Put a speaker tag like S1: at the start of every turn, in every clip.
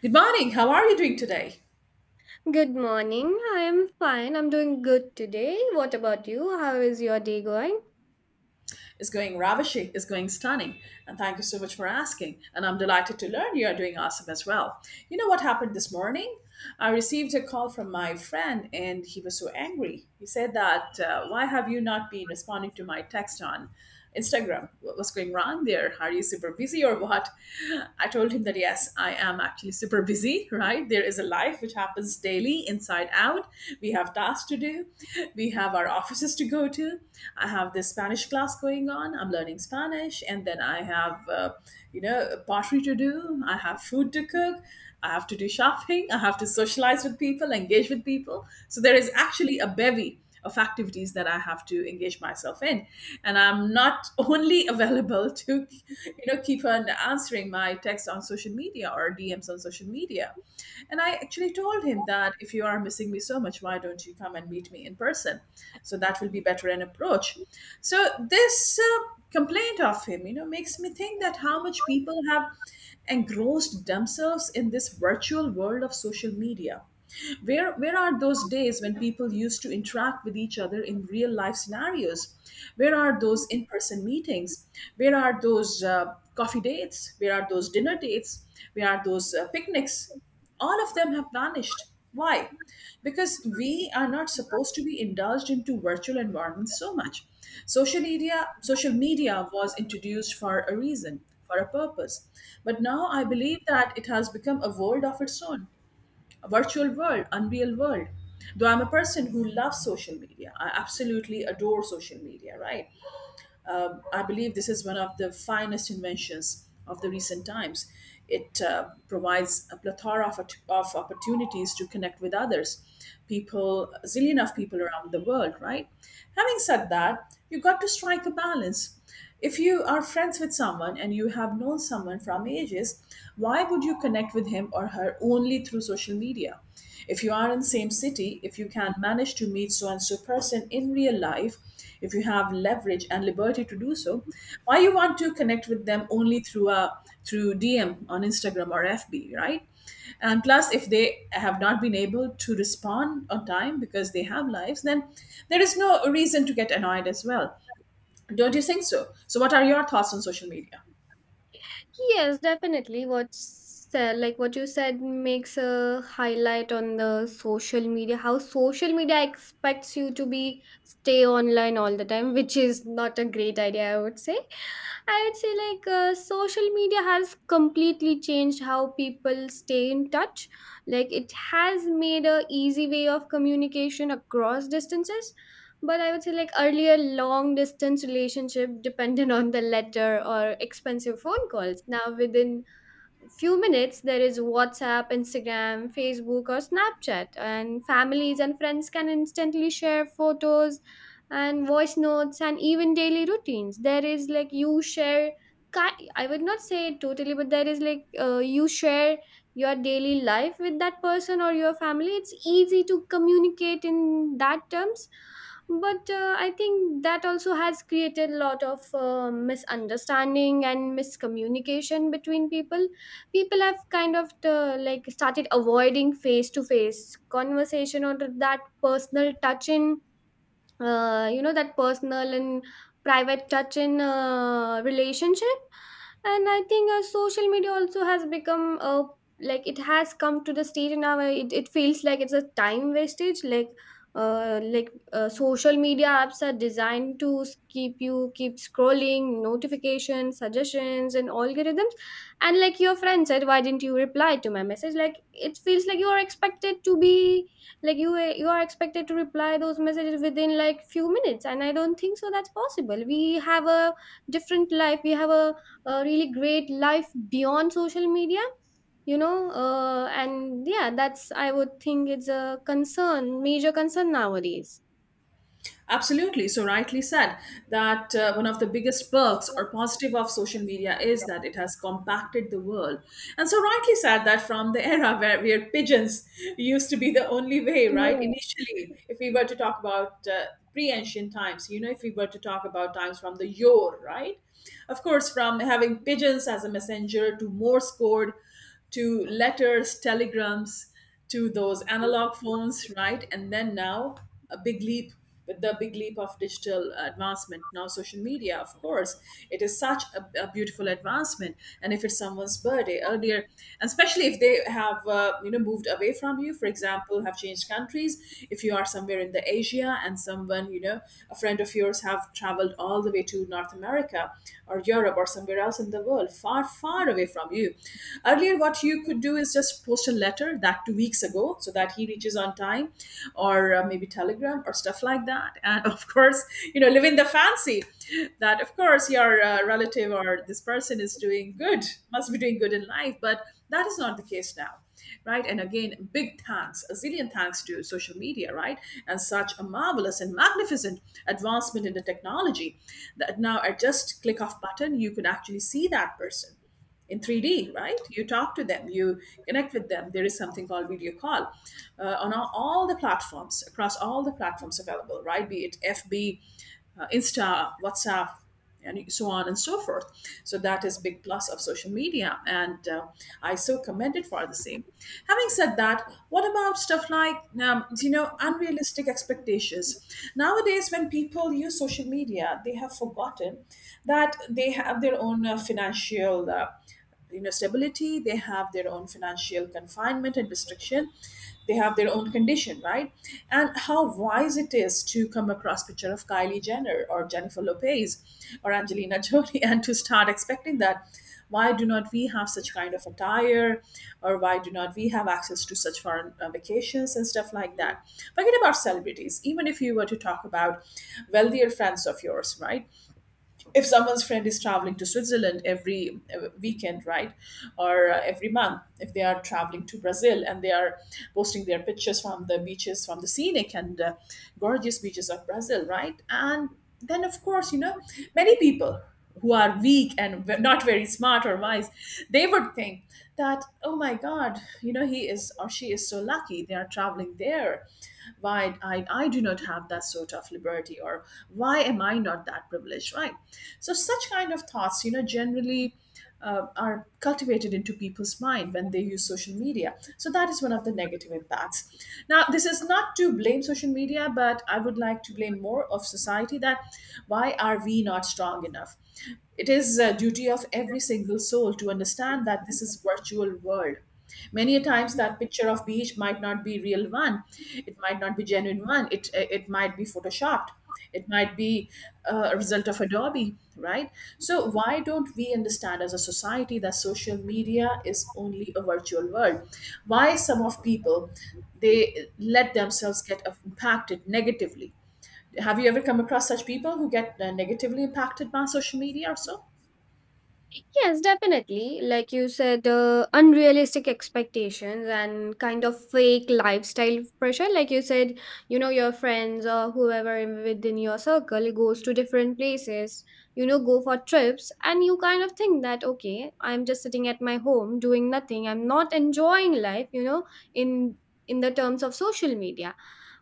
S1: Good morning. How are you doing today?
S2: Good morning. I am fine. I'm doing good today. What about you? How is your day going?
S1: It's going ravishing. It's going stunning. And thank you so much for asking. And I'm delighted to learn you are doing awesome as well. You know what happened this morning? I received a call from my friend and he was so angry. He said that, why have you not been responding to my text on Instagram. What's going wrong there? Are you super busy or what? I told him that yes, I am actually super busy, right? There is a life which happens daily, inside out. We have tasks to do, we have our offices to go to. I have this Spanish class going on. I'm learning Spanish, and then I have, pottery to do. I have food to cook. I have to do shopping. I have to socialize with people, engage with people. So there is actually a bevy of activities that I have to engage myself in. And I'm not only available to, keep on answering my texts on social media or DMs on social media. And I actually told him that if you are missing me so much, why don't you come and meet me in person? So that will be better an approach. So this complaint of him, makes me think that how much people have engrossed themselves in this virtual world of social media. Where are those days when people used to interact with each other in real life scenarios? Where are those in person meetings? Where are those coffee dates? Where are those dinner dates? Where are those picnics? All of them have vanished. Why? Because we are not supposed to be indulged into virtual environments so much. Social media was introduced for a reason, for a purpose. But now I believe that it has become a world of its own, a virtual world, unreal world. Though I'm a person who loves social media, I absolutely adore social media, right? I believe this is one of the finest inventions of the recent times. It provides a plethora of opportunities to connect with others, people, a zillion of people around the world, right? Having said that, you got to strike a balance. If you are friends with someone and you have known someone from ages, why would you connect with him or her only through social media? If you are in same city, if you can manage to meet so and so person in real life, if you have leverage and liberty to do so, why you want to connect with them only through DM on Instagram or FB, right? And plus, if they have not been able to respond on time because they have lives, then there is no reason to get annoyed as well. Don't you think so? So, what are your thoughts on social media?
S2: Yes, definitely. What's said, like what you said, makes a highlight on the social media. How social media expects you to be stay online all the time, which is not a great idea, I would say. I would say like social media has completely changed how people stay in touch. Like it has made a easy way of communication across distances, but I would say like earlier long distance relationship depended on the letter or expensive phone calls. Now within few minutes there is whatsapp instagram facebook or snapchat, and families and friends can instantly share photos and voice notes and even daily routines. There is like you share I would not say totally, but there is like you share your daily life with that person or your family. It's easy to communicate in that terms, but I think that also has created a lot of misunderstanding and miscommunication between People have kind of like started avoiding face to face conversation or that personal touch in you know, that personal and private touch in relationship. And I think social media also has become like it has come to the stage and now where it feels like it's a time wastage. Like social media apps are designed to keep you keep scrolling, notifications, suggestions and algorithms. And like your friend said, why didn't you reply to my message? Like it feels like you are expected to be like you are expected to reply those messages within like few minutes. And I don't think so that's possible. We have a different life. A really great life beyond social media, you know. And yeah, that's I would think it's a concern, major concern nowadays.
S1: Absolutely. So, rightly said that one of the biggest perks or positive of social media is that it has compacted the world. And so, rightly said that from the era where pigeons used to be the only way, right?
S2: Yeah.
S1: Initially, if we were to talk about pre ancient times, you know, if we were to talk about times from the yore, right? Of course, from having pigeons as a messenger to Morse code, to letters, telegrams, to those analog phones, right? And then now a big leap with the big leap of digital advancement. Now, social media, of course, it is such a beautiful advancement. And if it's someone's birthday earlier, and especially if they have moved away from you, for example, have changed countries. If you are somewhere in the Asia and someone a friend of yours have traveled all the way to North America or Europe or somewhere else in the world, far far away from you. Earlier, what you could do is just post a letter that 2 weeks ago so that he reaches on time, or maybe Telegram or stuff like that. And of course, live in the fancy that, of course, your relative or this person is doing good, must be doing good in life. But that is not the case now, right? And again, big thanks, a zillion thanks to social media, right? And such a marvelous and magnificent advancement in the technology that now at just click of button, you could actually see that person in 3D, right? You talk to them, you connect with them. There is something called video call on all the platforms, across all the platforms available, right? Be it FB, Insta, WhatsApp, and so on and so forth. So that is big plus of social media, and I so commend it for the same. Having said that, what about stuff like unrealistic expectations? Nowadays, when people use social media, they have forgotten that they have their own financial stability. They have their own financial confinement and restriction. They have their own condition, right? And how wise it is to come across picture of Kylie Jenner or Jennifer Lopez or Angelina Jolie and to start expecting that why do not we have such kind of attire, or why do not we have access to such foreign vacations and stuff like that? Forget about celebrities. Even if you were to talk about wealthier friends of yours, right? If someone's friend is traveling to Switzerland every weekend, right, or every month, if they are traveling to Brazil and they are posting their pictures from the beaches, from the scenic and gorgeous beaches of Brazil, right, and then of course, many people who are weak and not very smart or wise, they would think that, oh my god, he is or she is so lucky, they are traveling there. Why I do not have that sort of liberty, or why am I not that privileged, right? So such kind of thoughts, generally are cultivated into people's mind when they use social media. So that is one of the negative impacts. Now this is not to blame social media, but I would like to blame more of society. That, why are we not strong enough? It is a duty of every single soul to understand that this is virtual world. Many a times that picture of beach might not be real one. It might not be genuine one. It it might be photoshopped. It might be a result of Adobe, right? So why don't we understand as a society that social media is only a virtual world? Why some of people they let themselves get impacted negatively? Have you ever come across such people who get negatively impacted by social media or so?
S2: Yes, definitely. Like you said, unrealistic expectations and kind of fake lifestyle pressure. Like you said, you know, your friends or whoever within your circle goes to different places, you know, go for trips, and you kind of think that, okay, I'm just sitting at my home doing nothing. I'm not enjoying life, you know, in in the terms of social media.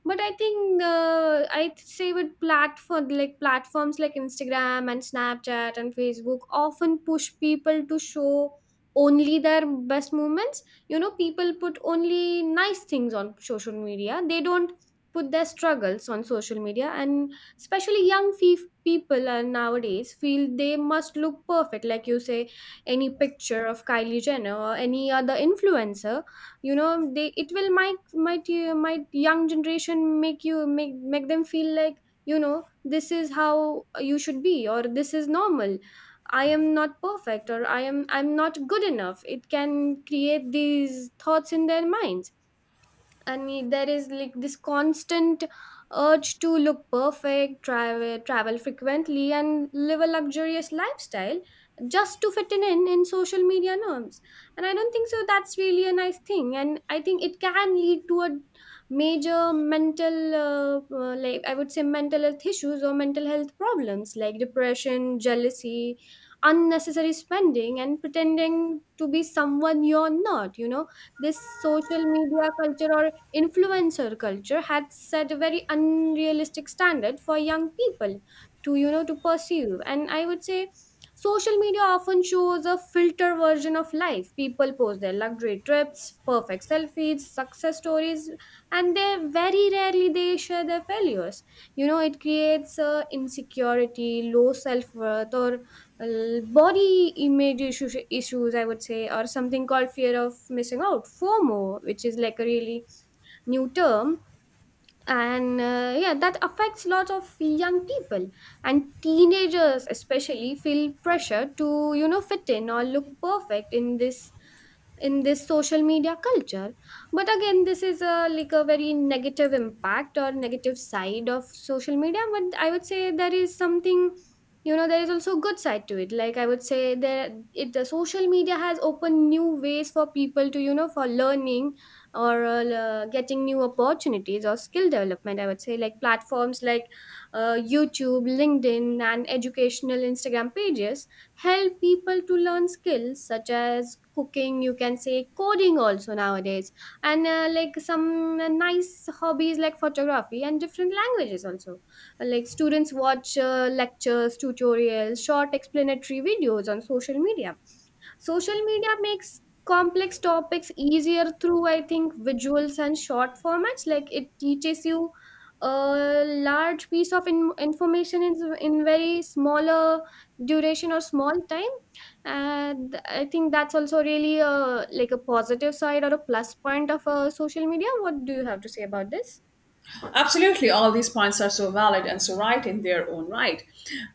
S2: But I think I'd say with platforms like instagram and snapchat and facebook often push people to show only their best moments. You know, people put only nice things on social media. They don't put their struggles on social media. And especially young people are nowadays feel they must look perfect. Like you say, any picture of kylie jenner or any other influencer, you know, they it will might young generation make them feel like, you know, this is how you should be, or this is normal. I am not perfect, or I'm not good enough. It can create these thoughts in their minds. And there is like this constant urge to look perfect, travel frequently and live a luxurious lifestyle just to fit in social media norms. And I don't think so that's really a nice thing. And I think it can lead to a major mental like I would say mental health issues or mental health problems, like depression, jealousy, unnecessary spending and pretending to be someone you're not, you know. This social media culture or influencer culture had set a very unrealistic standard for young people to, you know, to pursue. And I would say social media often shows a filter version of life. People post their luxury trips, perfect selfies, success stories, and they very rarely they share their failures. You know, it creates insecurity, low self-worth or body image issues, I would say, or something called fear of missing out, fomo, which is like a really new term. And yeah, that affects lots of young people. And teenagers especially feel pressure to, you know, fit in or look perfect in this social media culture. But again, this is a like a very negative impact or negative side of social media. But I would say there is something, you know, there is also a good side to it. Like I would say there it the social media has opened new ways for people to, you know, for learning, or getting new opportunities or skill development. I would say like platforms like youtube, linkedin and educational instagram pages help people to learn skills such as cooking, you can say coding also nowadays, and like some nice hobbies like photography and different languages also. Like students watch lectures, tutorials, short explanatory videos on social media. Social media makes complex topics easier through, I think, visuals and short formats. Like it teaches you a large piece of information in very smaller duration or small time. And I think that's also really a like a positive side or a plus point of social media. What do you have to say about this?
S1: Absolutely, all these points are so valid and so right in their own right.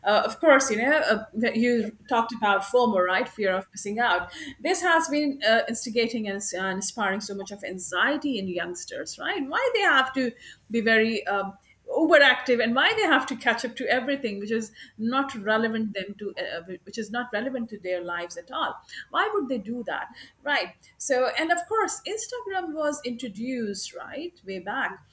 S1: Of course, that you talked about FOMO, right? Fear of missing out. This has been instigating and inspiring so much of anxiety in youngsters, right? Why they have to be very overactive and why they have to catch up to everything which is not relevant them to which is not relevant to their lives at all. Why would they do that, right? So and of course, Instagram was introduced right way back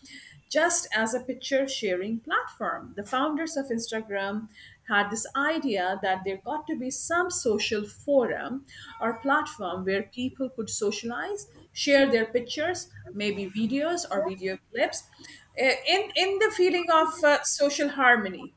S1: just as a picture sharing platform. The founders of Instagram had this idea that there got to be some social forum or platform where people could socialize, share their pictures, maybe videos or video clips, in the feeling of social harmony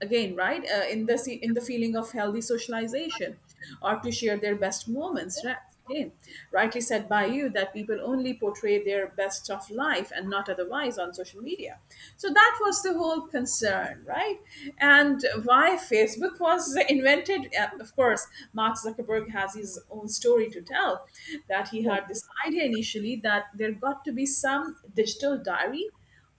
S1: again, right? In the feeling of healthy socialization, or to share their best moments, right? Again, rightly said by you that people only portray their best of life and not otherwise on social media. So that was the whole concern, right? And why Facebook was invented, of course, Mark Zuckerberg has his own story to tell, that he had this idea initially that there got to be some digital diary,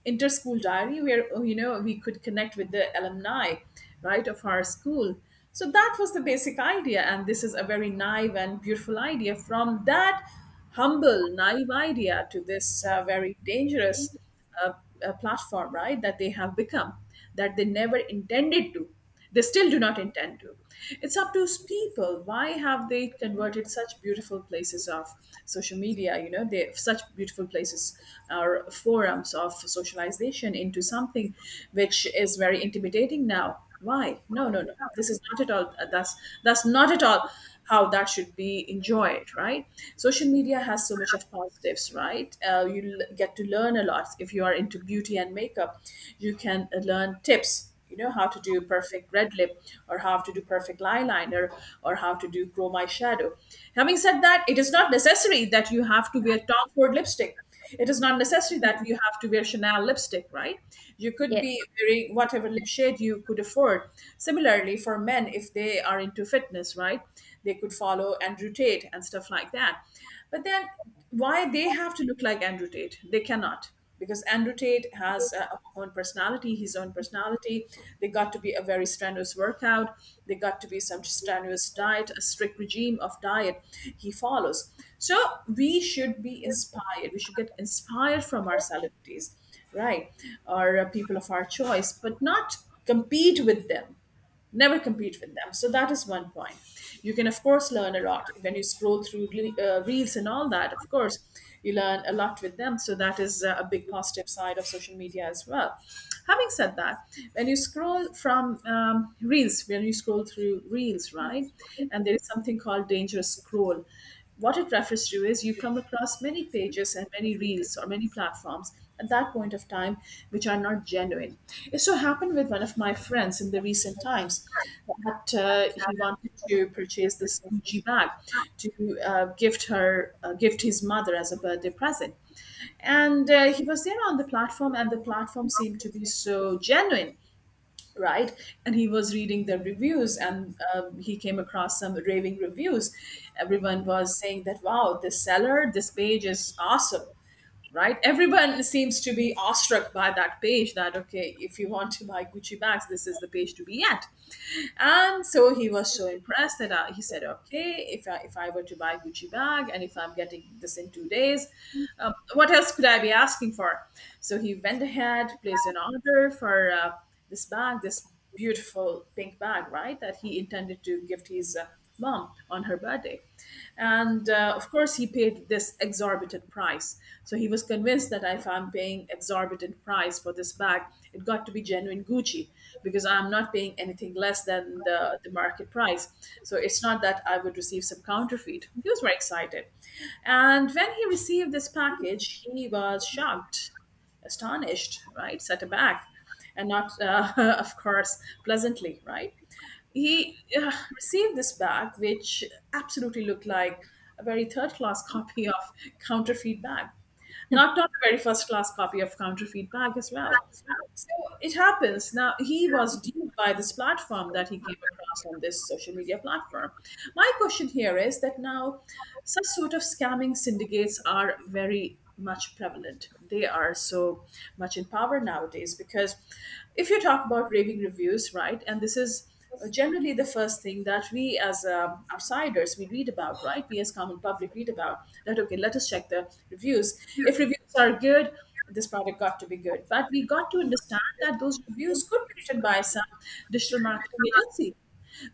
S1: inter-school diary where, oh, we could connect with the alumni, right, of our school. So that was the basic idea, and this is a very naive and beautiful idea. From that humble naive idea to this very dangerous uh, platform, right, that they have become, that they never intended to, they still do not intend to. It's up to people. Why have they converted such beautiful places of social media? They such beautiful places or forums of socialization into something which is very intimidating now. Why? No, no, no. This is not at all. That's not at all how that should be enjoyed, right? Social media has so much of positives, right? You get to learn a lot if you are into beauty and makeup. You can learn tips, you know, how to do perfect red lip, or how to do perfect eyeliner, or how to do chroma shadow. Having said that, it is not necessary that you have to wear Tom Ford lipstick. It is not necessary that you have to wear Chanel lipstick, right? You could
S2: Yes.
S1: be wearing whatever lip shade you could afford. Similarly, for men, if they are into fitness, right, they could follow Andrew Tate and stuff like that. But then, why they have to look like Andrew Tate? They cannot, because Andrew Tate has his own personality. They got to be a very strenuous workout. They got to be some strenuous diet, a strict regime of diet he follows. So we should be inspired. We should get inspired from our celebrities, right? Or people of our choice, but not compete with them. Never compete with them. So that is one point. You can, of course, learn a lot when you scroll through reels and all that. Of course, you learn a lot with them. So that is a big positive side of social media as well. Having said that, when you scroll through reels, right, and there is something called dangerous scroll. What it refers to is you come across many pages and many reels or many platforms at that point of time which are not genuine. It so happened with one of my friends in the recent times that he wanted to purchase this Gucci bag to gift his mother as a birthday present. And he was there on the platform, and the platform seemed to be so genuine, right? And he was reading the reviews, and he came across some raving reviews. Everyone was saying that, wow, this seller, this page is awesome, right? Everyone seems to be awestruck by that page that, okay, if you want to buy Gucci bags, this is the page to be at. And so he was so impressed that he said, okay, if I were to buy Gucci bag and if I'm getting this in 2 days, what else could I be asking for? So he went ahead, placed an order for this bag, this beautiful pink bag, right, that he intended to gift his mom on her birthday. And of course, he paid this exorbitant price. So he was convinced that if I'm paying exorbitant price for this bag, it got to be genuine Gucci, because I'm not paying anything less than the market price. So it's not that I would receive some counterfeit. He was very excited. And when he received this package, he was shocked, astonished, right? Set aback, and not, of course, pleasantly, right? He received this bag, which absolutely looked like a very third class copy of counterfeit bag. Not a very first class copy of counterfeit bag as well. So it happens. Now, he was duped by this platform that he came across on this social media platform. My question here is that now such sort of scamming syndicates are very much prevalent. They are so much in power nowadays because if you talk about raving reviews, right, and this is generally the first thing that we as outsiders, we read about, right? We as common public read about that, okay, let us check the reviews. If reviews are good, this product got to be good. But we got to understand that those reviews could be written by some digital marketing agency.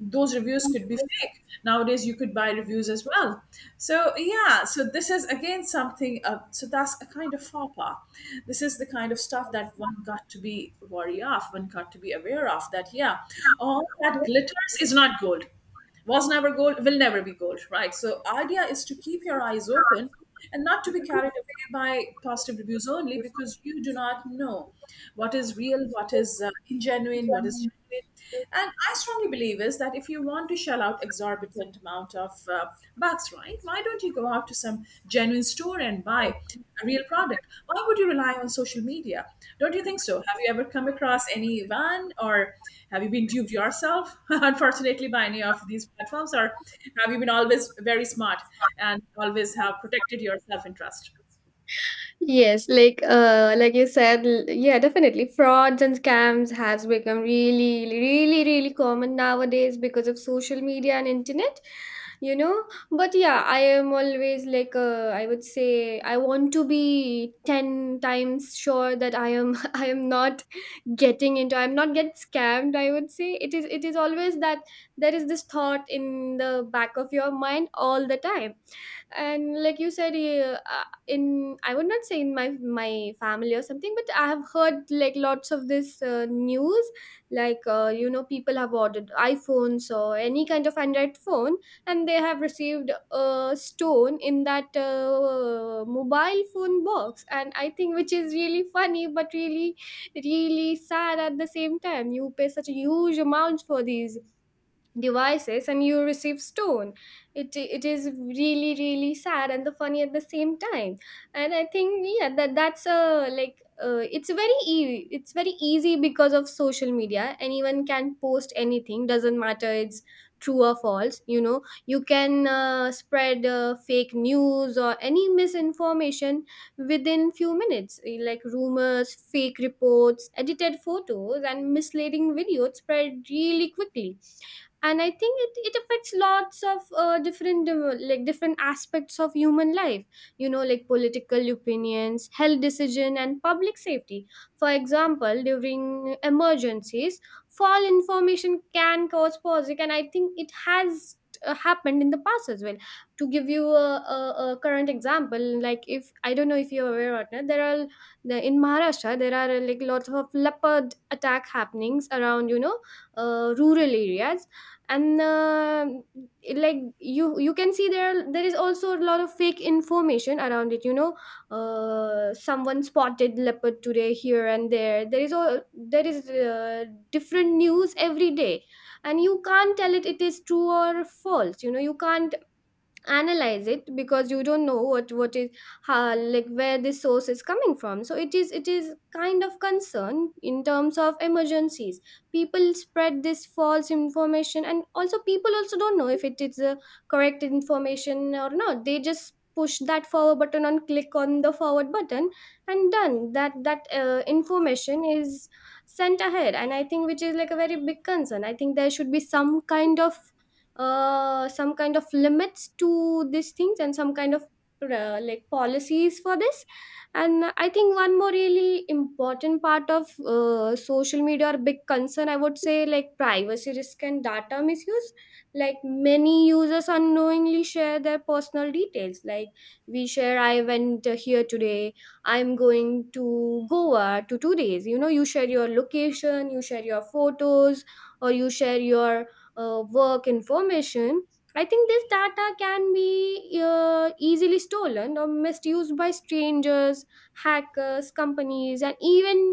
S1: Those reviews could be fake. Nowadays you could buy reviews as well. So, yeah, so this is again something, so that's a kind of fapa. This is the kind of stuff that one got to be wary of, one got to be aware of, that, yeah, all that glitters is not gold, was never gold, will never be gold, right? So idea is to keep your eyes open and not to be carried away by positive reviews only, because you do not know what is real, what is ingenuine, what is genuine. And I strongly believe is that if you want to shell out exorbitant amount of bucks, right, why don't you go out to some genuine store and buy a real product? Why would you rely on social media? Don't you think so? Have you ever come across any van, or have you been duped yourself, unfortunately, by any of these platforms? Or have you been always very smart and always have protected your self interest?
S2: Yes, like like you said, yeah, definitely. Frauds and scams has become really, really, really common nowadays because of social media and internet, you know. But yeah, I am always like I would say I want to be ten times sure that I am I am not getting into I'm not get scammed, I would say. It is always that there is this thought in the back of your mind all the time. And like you said, yeah, in I would not say in my family or something, but I have heard like lots of this news. Like you know, people have ordered iphones or any kind of android phone, and they have received a stone in that mobile phone box. And I think which is really funny but really really sad at the same time. You pay such a huge amount for these devices and you receive stone. It is really really sad and the funny at the same time. And I think, yeah, that that's a like it's very it's very easy because of social media anyone can post anything doesn't matter it's true or false, you know. You can spread fake news or any misinformation within few minutes. Like rumors, fake reports, edited photos and misleading videos spread really quickly. And I think it affects lots of different like different aspects of human life, you know, like political opinions, health decision and public safety. For example, during emergencies, fall information can cause panic, and I think it has happened in the past as well. To give you a current example, like if I don't know if you're aware or not, there are in maharashtra there are like lots of leopard attack happenings around, you know, rural areas. And like you can see there there is also a lot of fake information around it, you know. Someone spotted leopard today here and there. There is all There is different news every day. And you can't tell it it is true or false, you know. You can't analyze it because you don't know what is how like where this source is coming from. So it is kind of concern in terms of emergencies. People spread this false information, and also people also don't know if it is a correct information or not. They just push that forward button and click on the forward button, and done, that that information is sent ahead. And I think which is like a very big concern. I think there should be some kind of limits to these things and some kind of like policies for this. And I think one more really important part of social media or big concern, I would say, like privacy risk and data misuse. Like many users unknowingly share their personal details. Like we share I went here today, I'm going to goa to 2 days, you know. You share your location, you share your photos or you share your work information. I think this data can be easily stolen or misused by strangers, hackers, companies, and even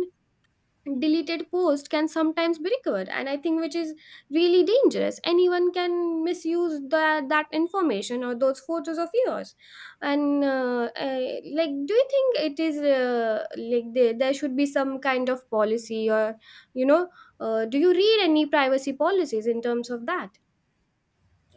S2: deleted posts can sometimes be recovered. And I think which is really dangerous. Anyone can misuse that that information or those photos of yours. And like, do you think it is like there should be some kind of policy or, you know, do you read any privacy policies in terms of that?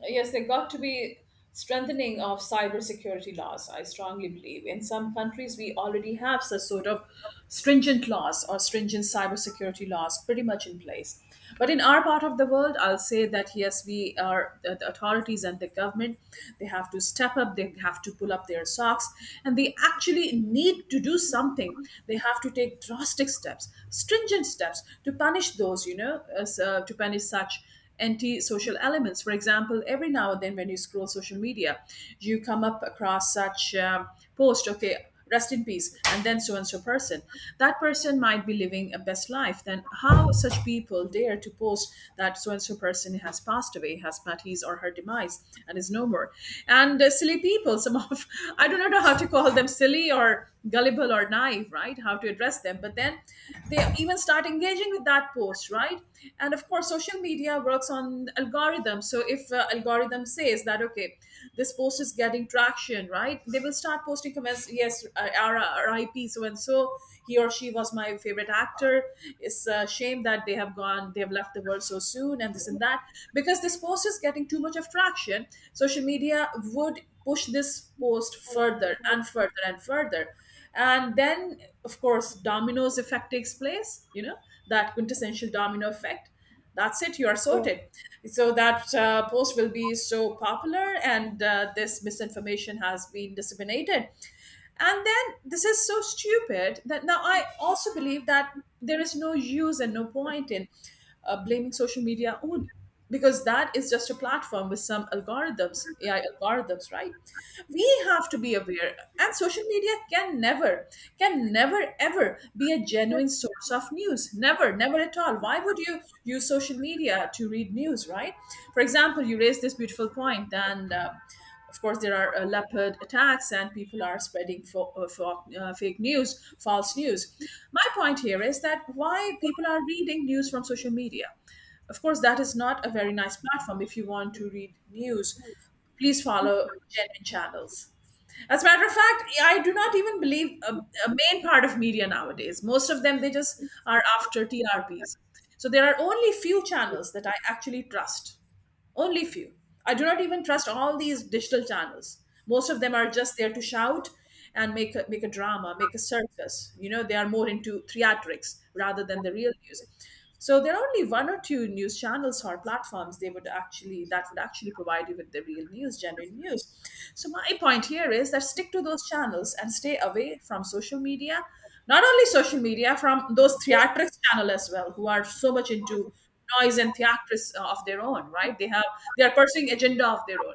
S1: Yes, there got to be strengthening of cybersecurity laws. I strongly believe in some countries we already have such sort of stringent laws or stringent cybersecurity laws pretty much in place. But in our part of the world, I'll say that, yes, we are the authorities and the government. They have to step up. They have to pull up their socks, and they actually need to do something. They have to take drastic steps, stringent steps to punish those, you know, to punish such anti-social elements. For example, every now and then when you scroll social media, you come up across such post, okay, rest in peace and then so and so person. That person might be living a best life. Then how such people dare to post that so and so person has passed away, has met his or her demise, and is no more? And silly people, some of I do not know how to call them, silly or gullible or naive, right? How to address them. But then they even start engaging with that post, right? And of course, social media works on algorithms. So if algorithm says that, okay, this post is getting traction, right? They will start posting comments, yes, RIP, so and so, he or she was my favorite actor. It's a shame that they have gone, they have left the world so soon, and this and that. Because this post is getting too much of traction, social media would push this post further and further and further, and then of course domino's effect takes place, you know, that quintessential domino effect. That's it, you are sorted. So that post will be so popular, and this misinformation has been disseminated. And then this is so stupid that now I also believe that there is no use and no point in blaming social media on, because that is just a platform with some algorithms, AI algorithms, right? We have to be aware, and social media can never ever be a genuine source of news. Never, never at all. Why would you use social media to read news, right? For example, you raised this beautiful point, and of course, there are leopard attacks, and people are spreading fake news, false news. My point here is that why people are reading news from social media. Of course, that is not a very nice platform. If you want to read news, please follow genuine channels. As a matter of fact, I do not even believe a main part of media nowadays. Most of them, they just are after TRPs. So there are only few channels that I actually trust. Only few. I do not even trust all these digital channels. Most of them are just there to shout and make a drama, make a circus. You know, they are more into theatrics rather than the real news. So there are only one or two news channels or platforms they would actually that would actually provide you with the real news, genuine news. So my point here is that stick to those channels and stay away from social media. Not only social media, from those theatrics channel as well, who are so much into noise and theatrics of their own. Right, they have they are pursuing agenda of their own,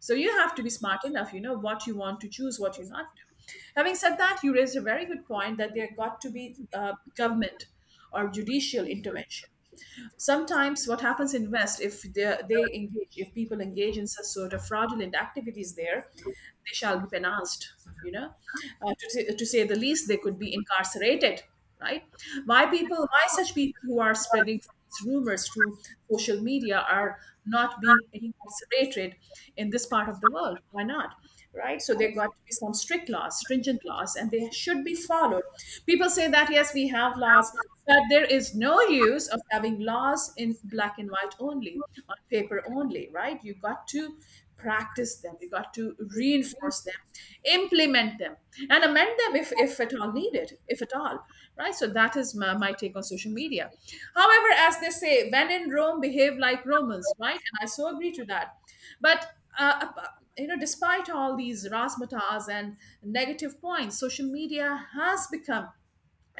S1: so you have to be smart enough, you know what you want to choose, what you not. Having said that, you raised a very good point that there got to be government or judicial intervention. Sometimes what happens in west, if they, they engage if people engage in such sort of fraudulent activities there, they shall be penalized, you know, to to say the least, they could be incarcerated, right? Why people, why such people who are spreading false rumors through social media are not being incarcerated in this part of the world? Why not, right? So there got to be some strict laws, stringent laws, and they should be followed. People say that yes, we have laws, that there is no use of having laws in black and white only, on paper only, right? You got to practice them, you got to reinforce them, implement them, and amend them if at all needed, if at all, right? So that is my take on social media. However, as they say, when in Rome, behave like Romans, right? And I so agree to that. But uh, uh, you know, despite all these razzmatazz and negative points, social media has become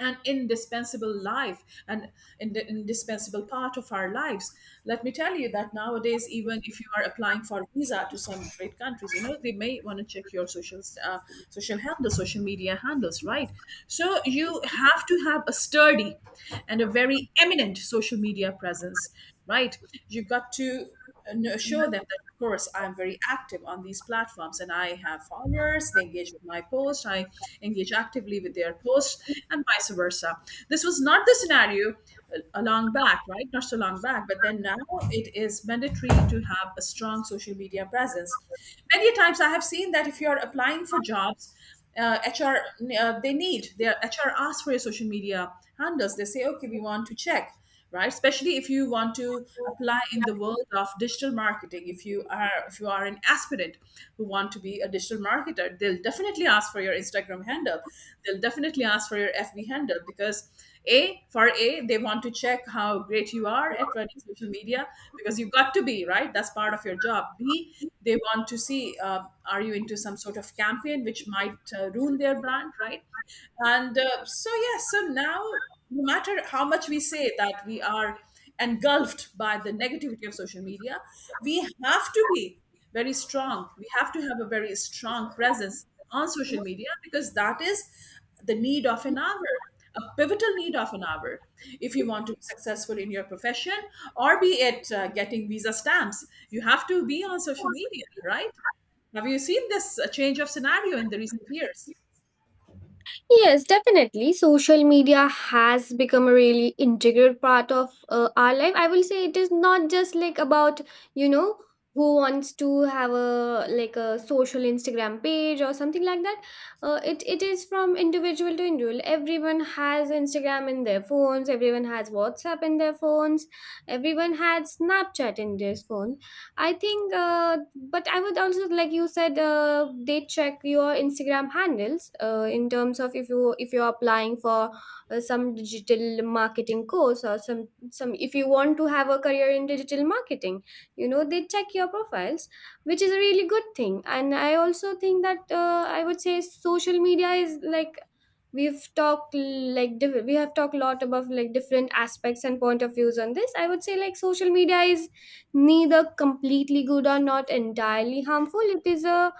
S1: an indispensable part of our lives. Let me tell you that nowadays, even if you are applying for visa to some great countries, you know they may want to check your social social handles, social media handles, right? So you have to have a sturdy and a very eminent social media presence, right? You've got to, and show them that, of course, I'm very active on these platforms and I have followers. They engage with my post, I engage actively with their posts, and vice versa. This was not the scenario a long back, right? Not so long back, but then now it is mandatory to have a strong social media presence. Many times I have seen that if you're applying for jobs, HR, they need their HR asks for your social media handles. They say, okay, we want to check. Right, especially if you want to apply in the world of digital marketing, if you are an aspirant who want to be a digital marketer, they'll definitely ask for your Instagram handle, they'll definitely ask for your FB handle, because A, for A, they want to check how great you are at running social media, because you've got to be, right, that's part of your job. B, they want to see, are you into some sort of campaign which might ruin their brand, right? And so yes, so now, no matter how much we say that we are engulfed by the negativity of social media, we have to be very strong. We have to have a very strong presence on social media, because that is the need of an hour, a pivotal need of an hour. If you want to be successful in your profession, or be it getting visa stamps, you have to be on social media, right? Have you seen this change of scenario in the recent years?
S2: Yes, definitely. Social media has become a really integral part of our life. I will say it is not just like about, you know, who wants to have a like a social Instagram page or something like that. It is from individual to individual. Everyone has Instagram in their phones, everyone has WhatsApp in their phones, everyone has Snapchat in their phones, I think. But I would also like you said, they check your Instagram handles in terms of if you're applying for some digital marketing course or some if you want to have a career in digital marketing, you know, they check your profiles, which is a really good thing. And I also think that I would say social media is like we've talked like we have talked a lot about like different aspects and point of views on this. I would say like social media is neither completely good or not entirely harmful. It is a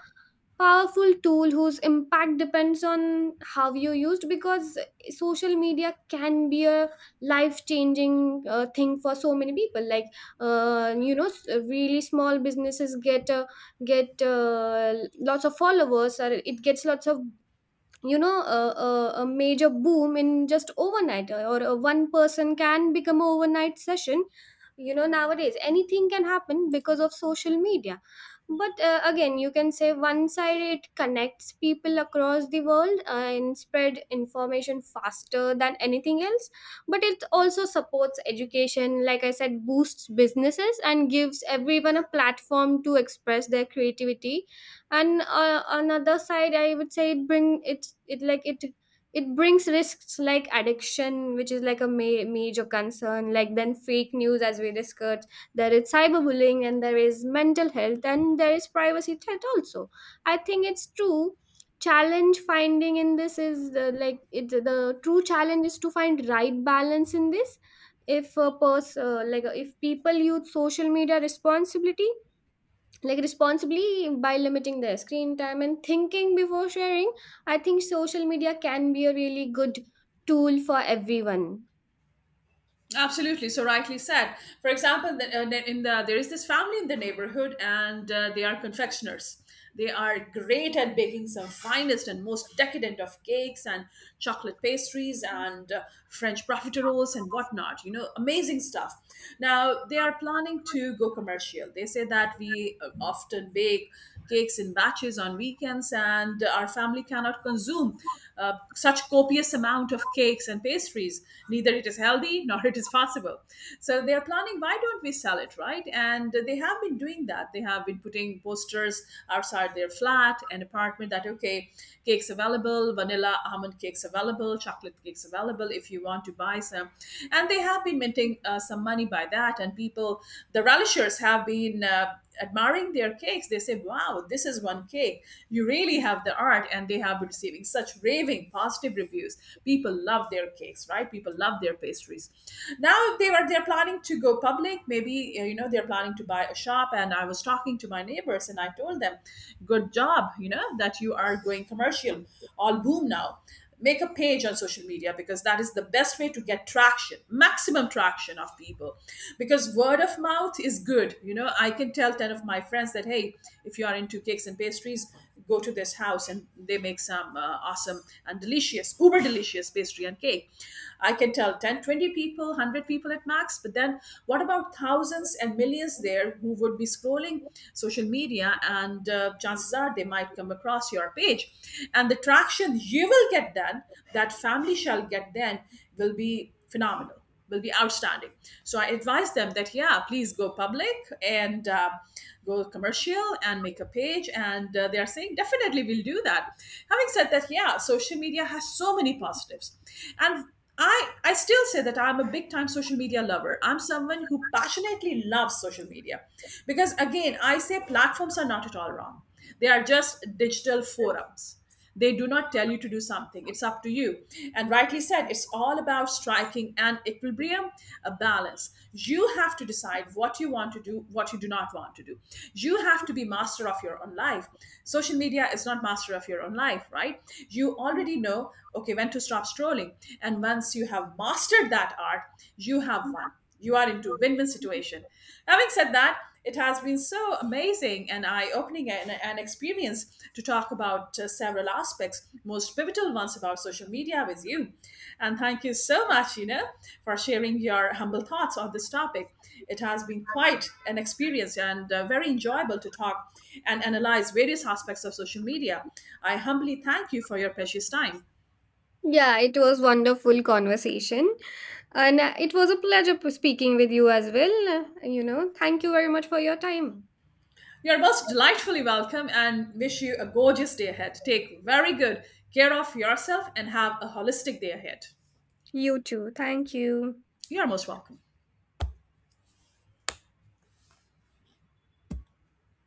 S2: powerful tool whose impact depends on how you used, because social media can be a life changing thing for so many people. Like, you know, really small businesses get lots of followers, or it gets lots of, you know, a major boom in just overnight, or a one person can become an overnight session, you know. Nowadays anything can happen because of social media. But again, you can say one side it connects people across the world and spread information faster than anything else, but it also supports education, like I said, boosts businesses and gives everyone a platform to express their creativity. And another side, I would say, it brings risks like addiction, which is like a major concern, like then fake news, as we discussed, there is cyberbullying and there is mental health and there is privacy threat also. I think it's true. Challenge finding in this is like it the true challenge is to find right balance in this. If a person like if people use social media responsibility, like responsibly, by limiting their screen time and thinking before sharing, I think social media can be a really good tool for everyone.
S1: Absolutely. So rightly said. For example, the- in the there is this family in the neighborhood, and they are confectioners. They are great at baking some finest and most decadent of cakes and chocolate pastries and French profiteroles and whatnot. You know, amazing stuff. Now they are planning to go commercial. They say that we often bake cakes in batches on weekends, and our family cannot consume such copious amount of cakes and pastries. Neither it is healthy nor it is possible. So they are planning, why don't we sell it, right? And they have been doing that. They have been putting posters outside their flat and apartment that, okay, cakes available, vanilla almond cakes available, chocolate cakes available if you want to buy some. And they have been minting some money by that, and people, the relishers have been. Admiring their cakes, they say wow, this is one cake, you really have the art. And they have been receiving such raving positive reviews. People love their cakes, right? People love their pastries. Now they're planning to go public, maybe, you know, they're planning to buy a shop. And I was talking to my neighbors, and I told them, good job, you know, that you are going commercial, all boom now. Make a page on social media, because that is the best way to get traction, maximum traction of people. Because word of mouth is good, you know, I can tell 10 of my friends that, hey, if you are into cakes and pastries, go to this house and they make some awesome and delicious, uber delicious pastry and cake. I can tell 10, 20 people, 100 people at max, but then what about thousands and millions there, who would be scrolling social media, and chances are they might come across your page, and the traction you will get then, that family shall get then, will be phenomenal, will be outstanding. So I advise them that yeah, please go public and go commercial and make a page. And they are saying definitely we'll do that. Having said that, yeah, social media has so many positives. And I still say that I'm a big time social media lover. I'm someone who passionately loves social media, because, again, I say platforms are not at all wrong. They are just digital forums. They do not tell you to do something, it's up to you. And rightly said, it's all about striking an equilibrium, a balance. You have to decide what you want to do, what you do not want to do. You have to be master of your own life. Social media is not master of your own life, right? You already know, okay, when to stop stops trolling. And once you have mastered that art, you have won. You are into win-win situation. Having said that, it has been so amazing and eye-opening and an experience to talk about several aspects, most pivotal ones about social media with you. And thank you so much, you know, for sharing your humble thoughts on this topic. It has been quite an experience and very enjoyable to talk and analyze various aspects of social media. I humbly thank you for your precious time.
S2: Yeah, it was wonderful conversation. And it was a pleasure speaking with you as well. You know, thank you very much for your time.
S1: You're most delightfully welcome and wish you a gorgeous day ahead. Take very good care of yourself and have a holistic day ahead.
S2: You too, thank you.
S1: You're most welcome.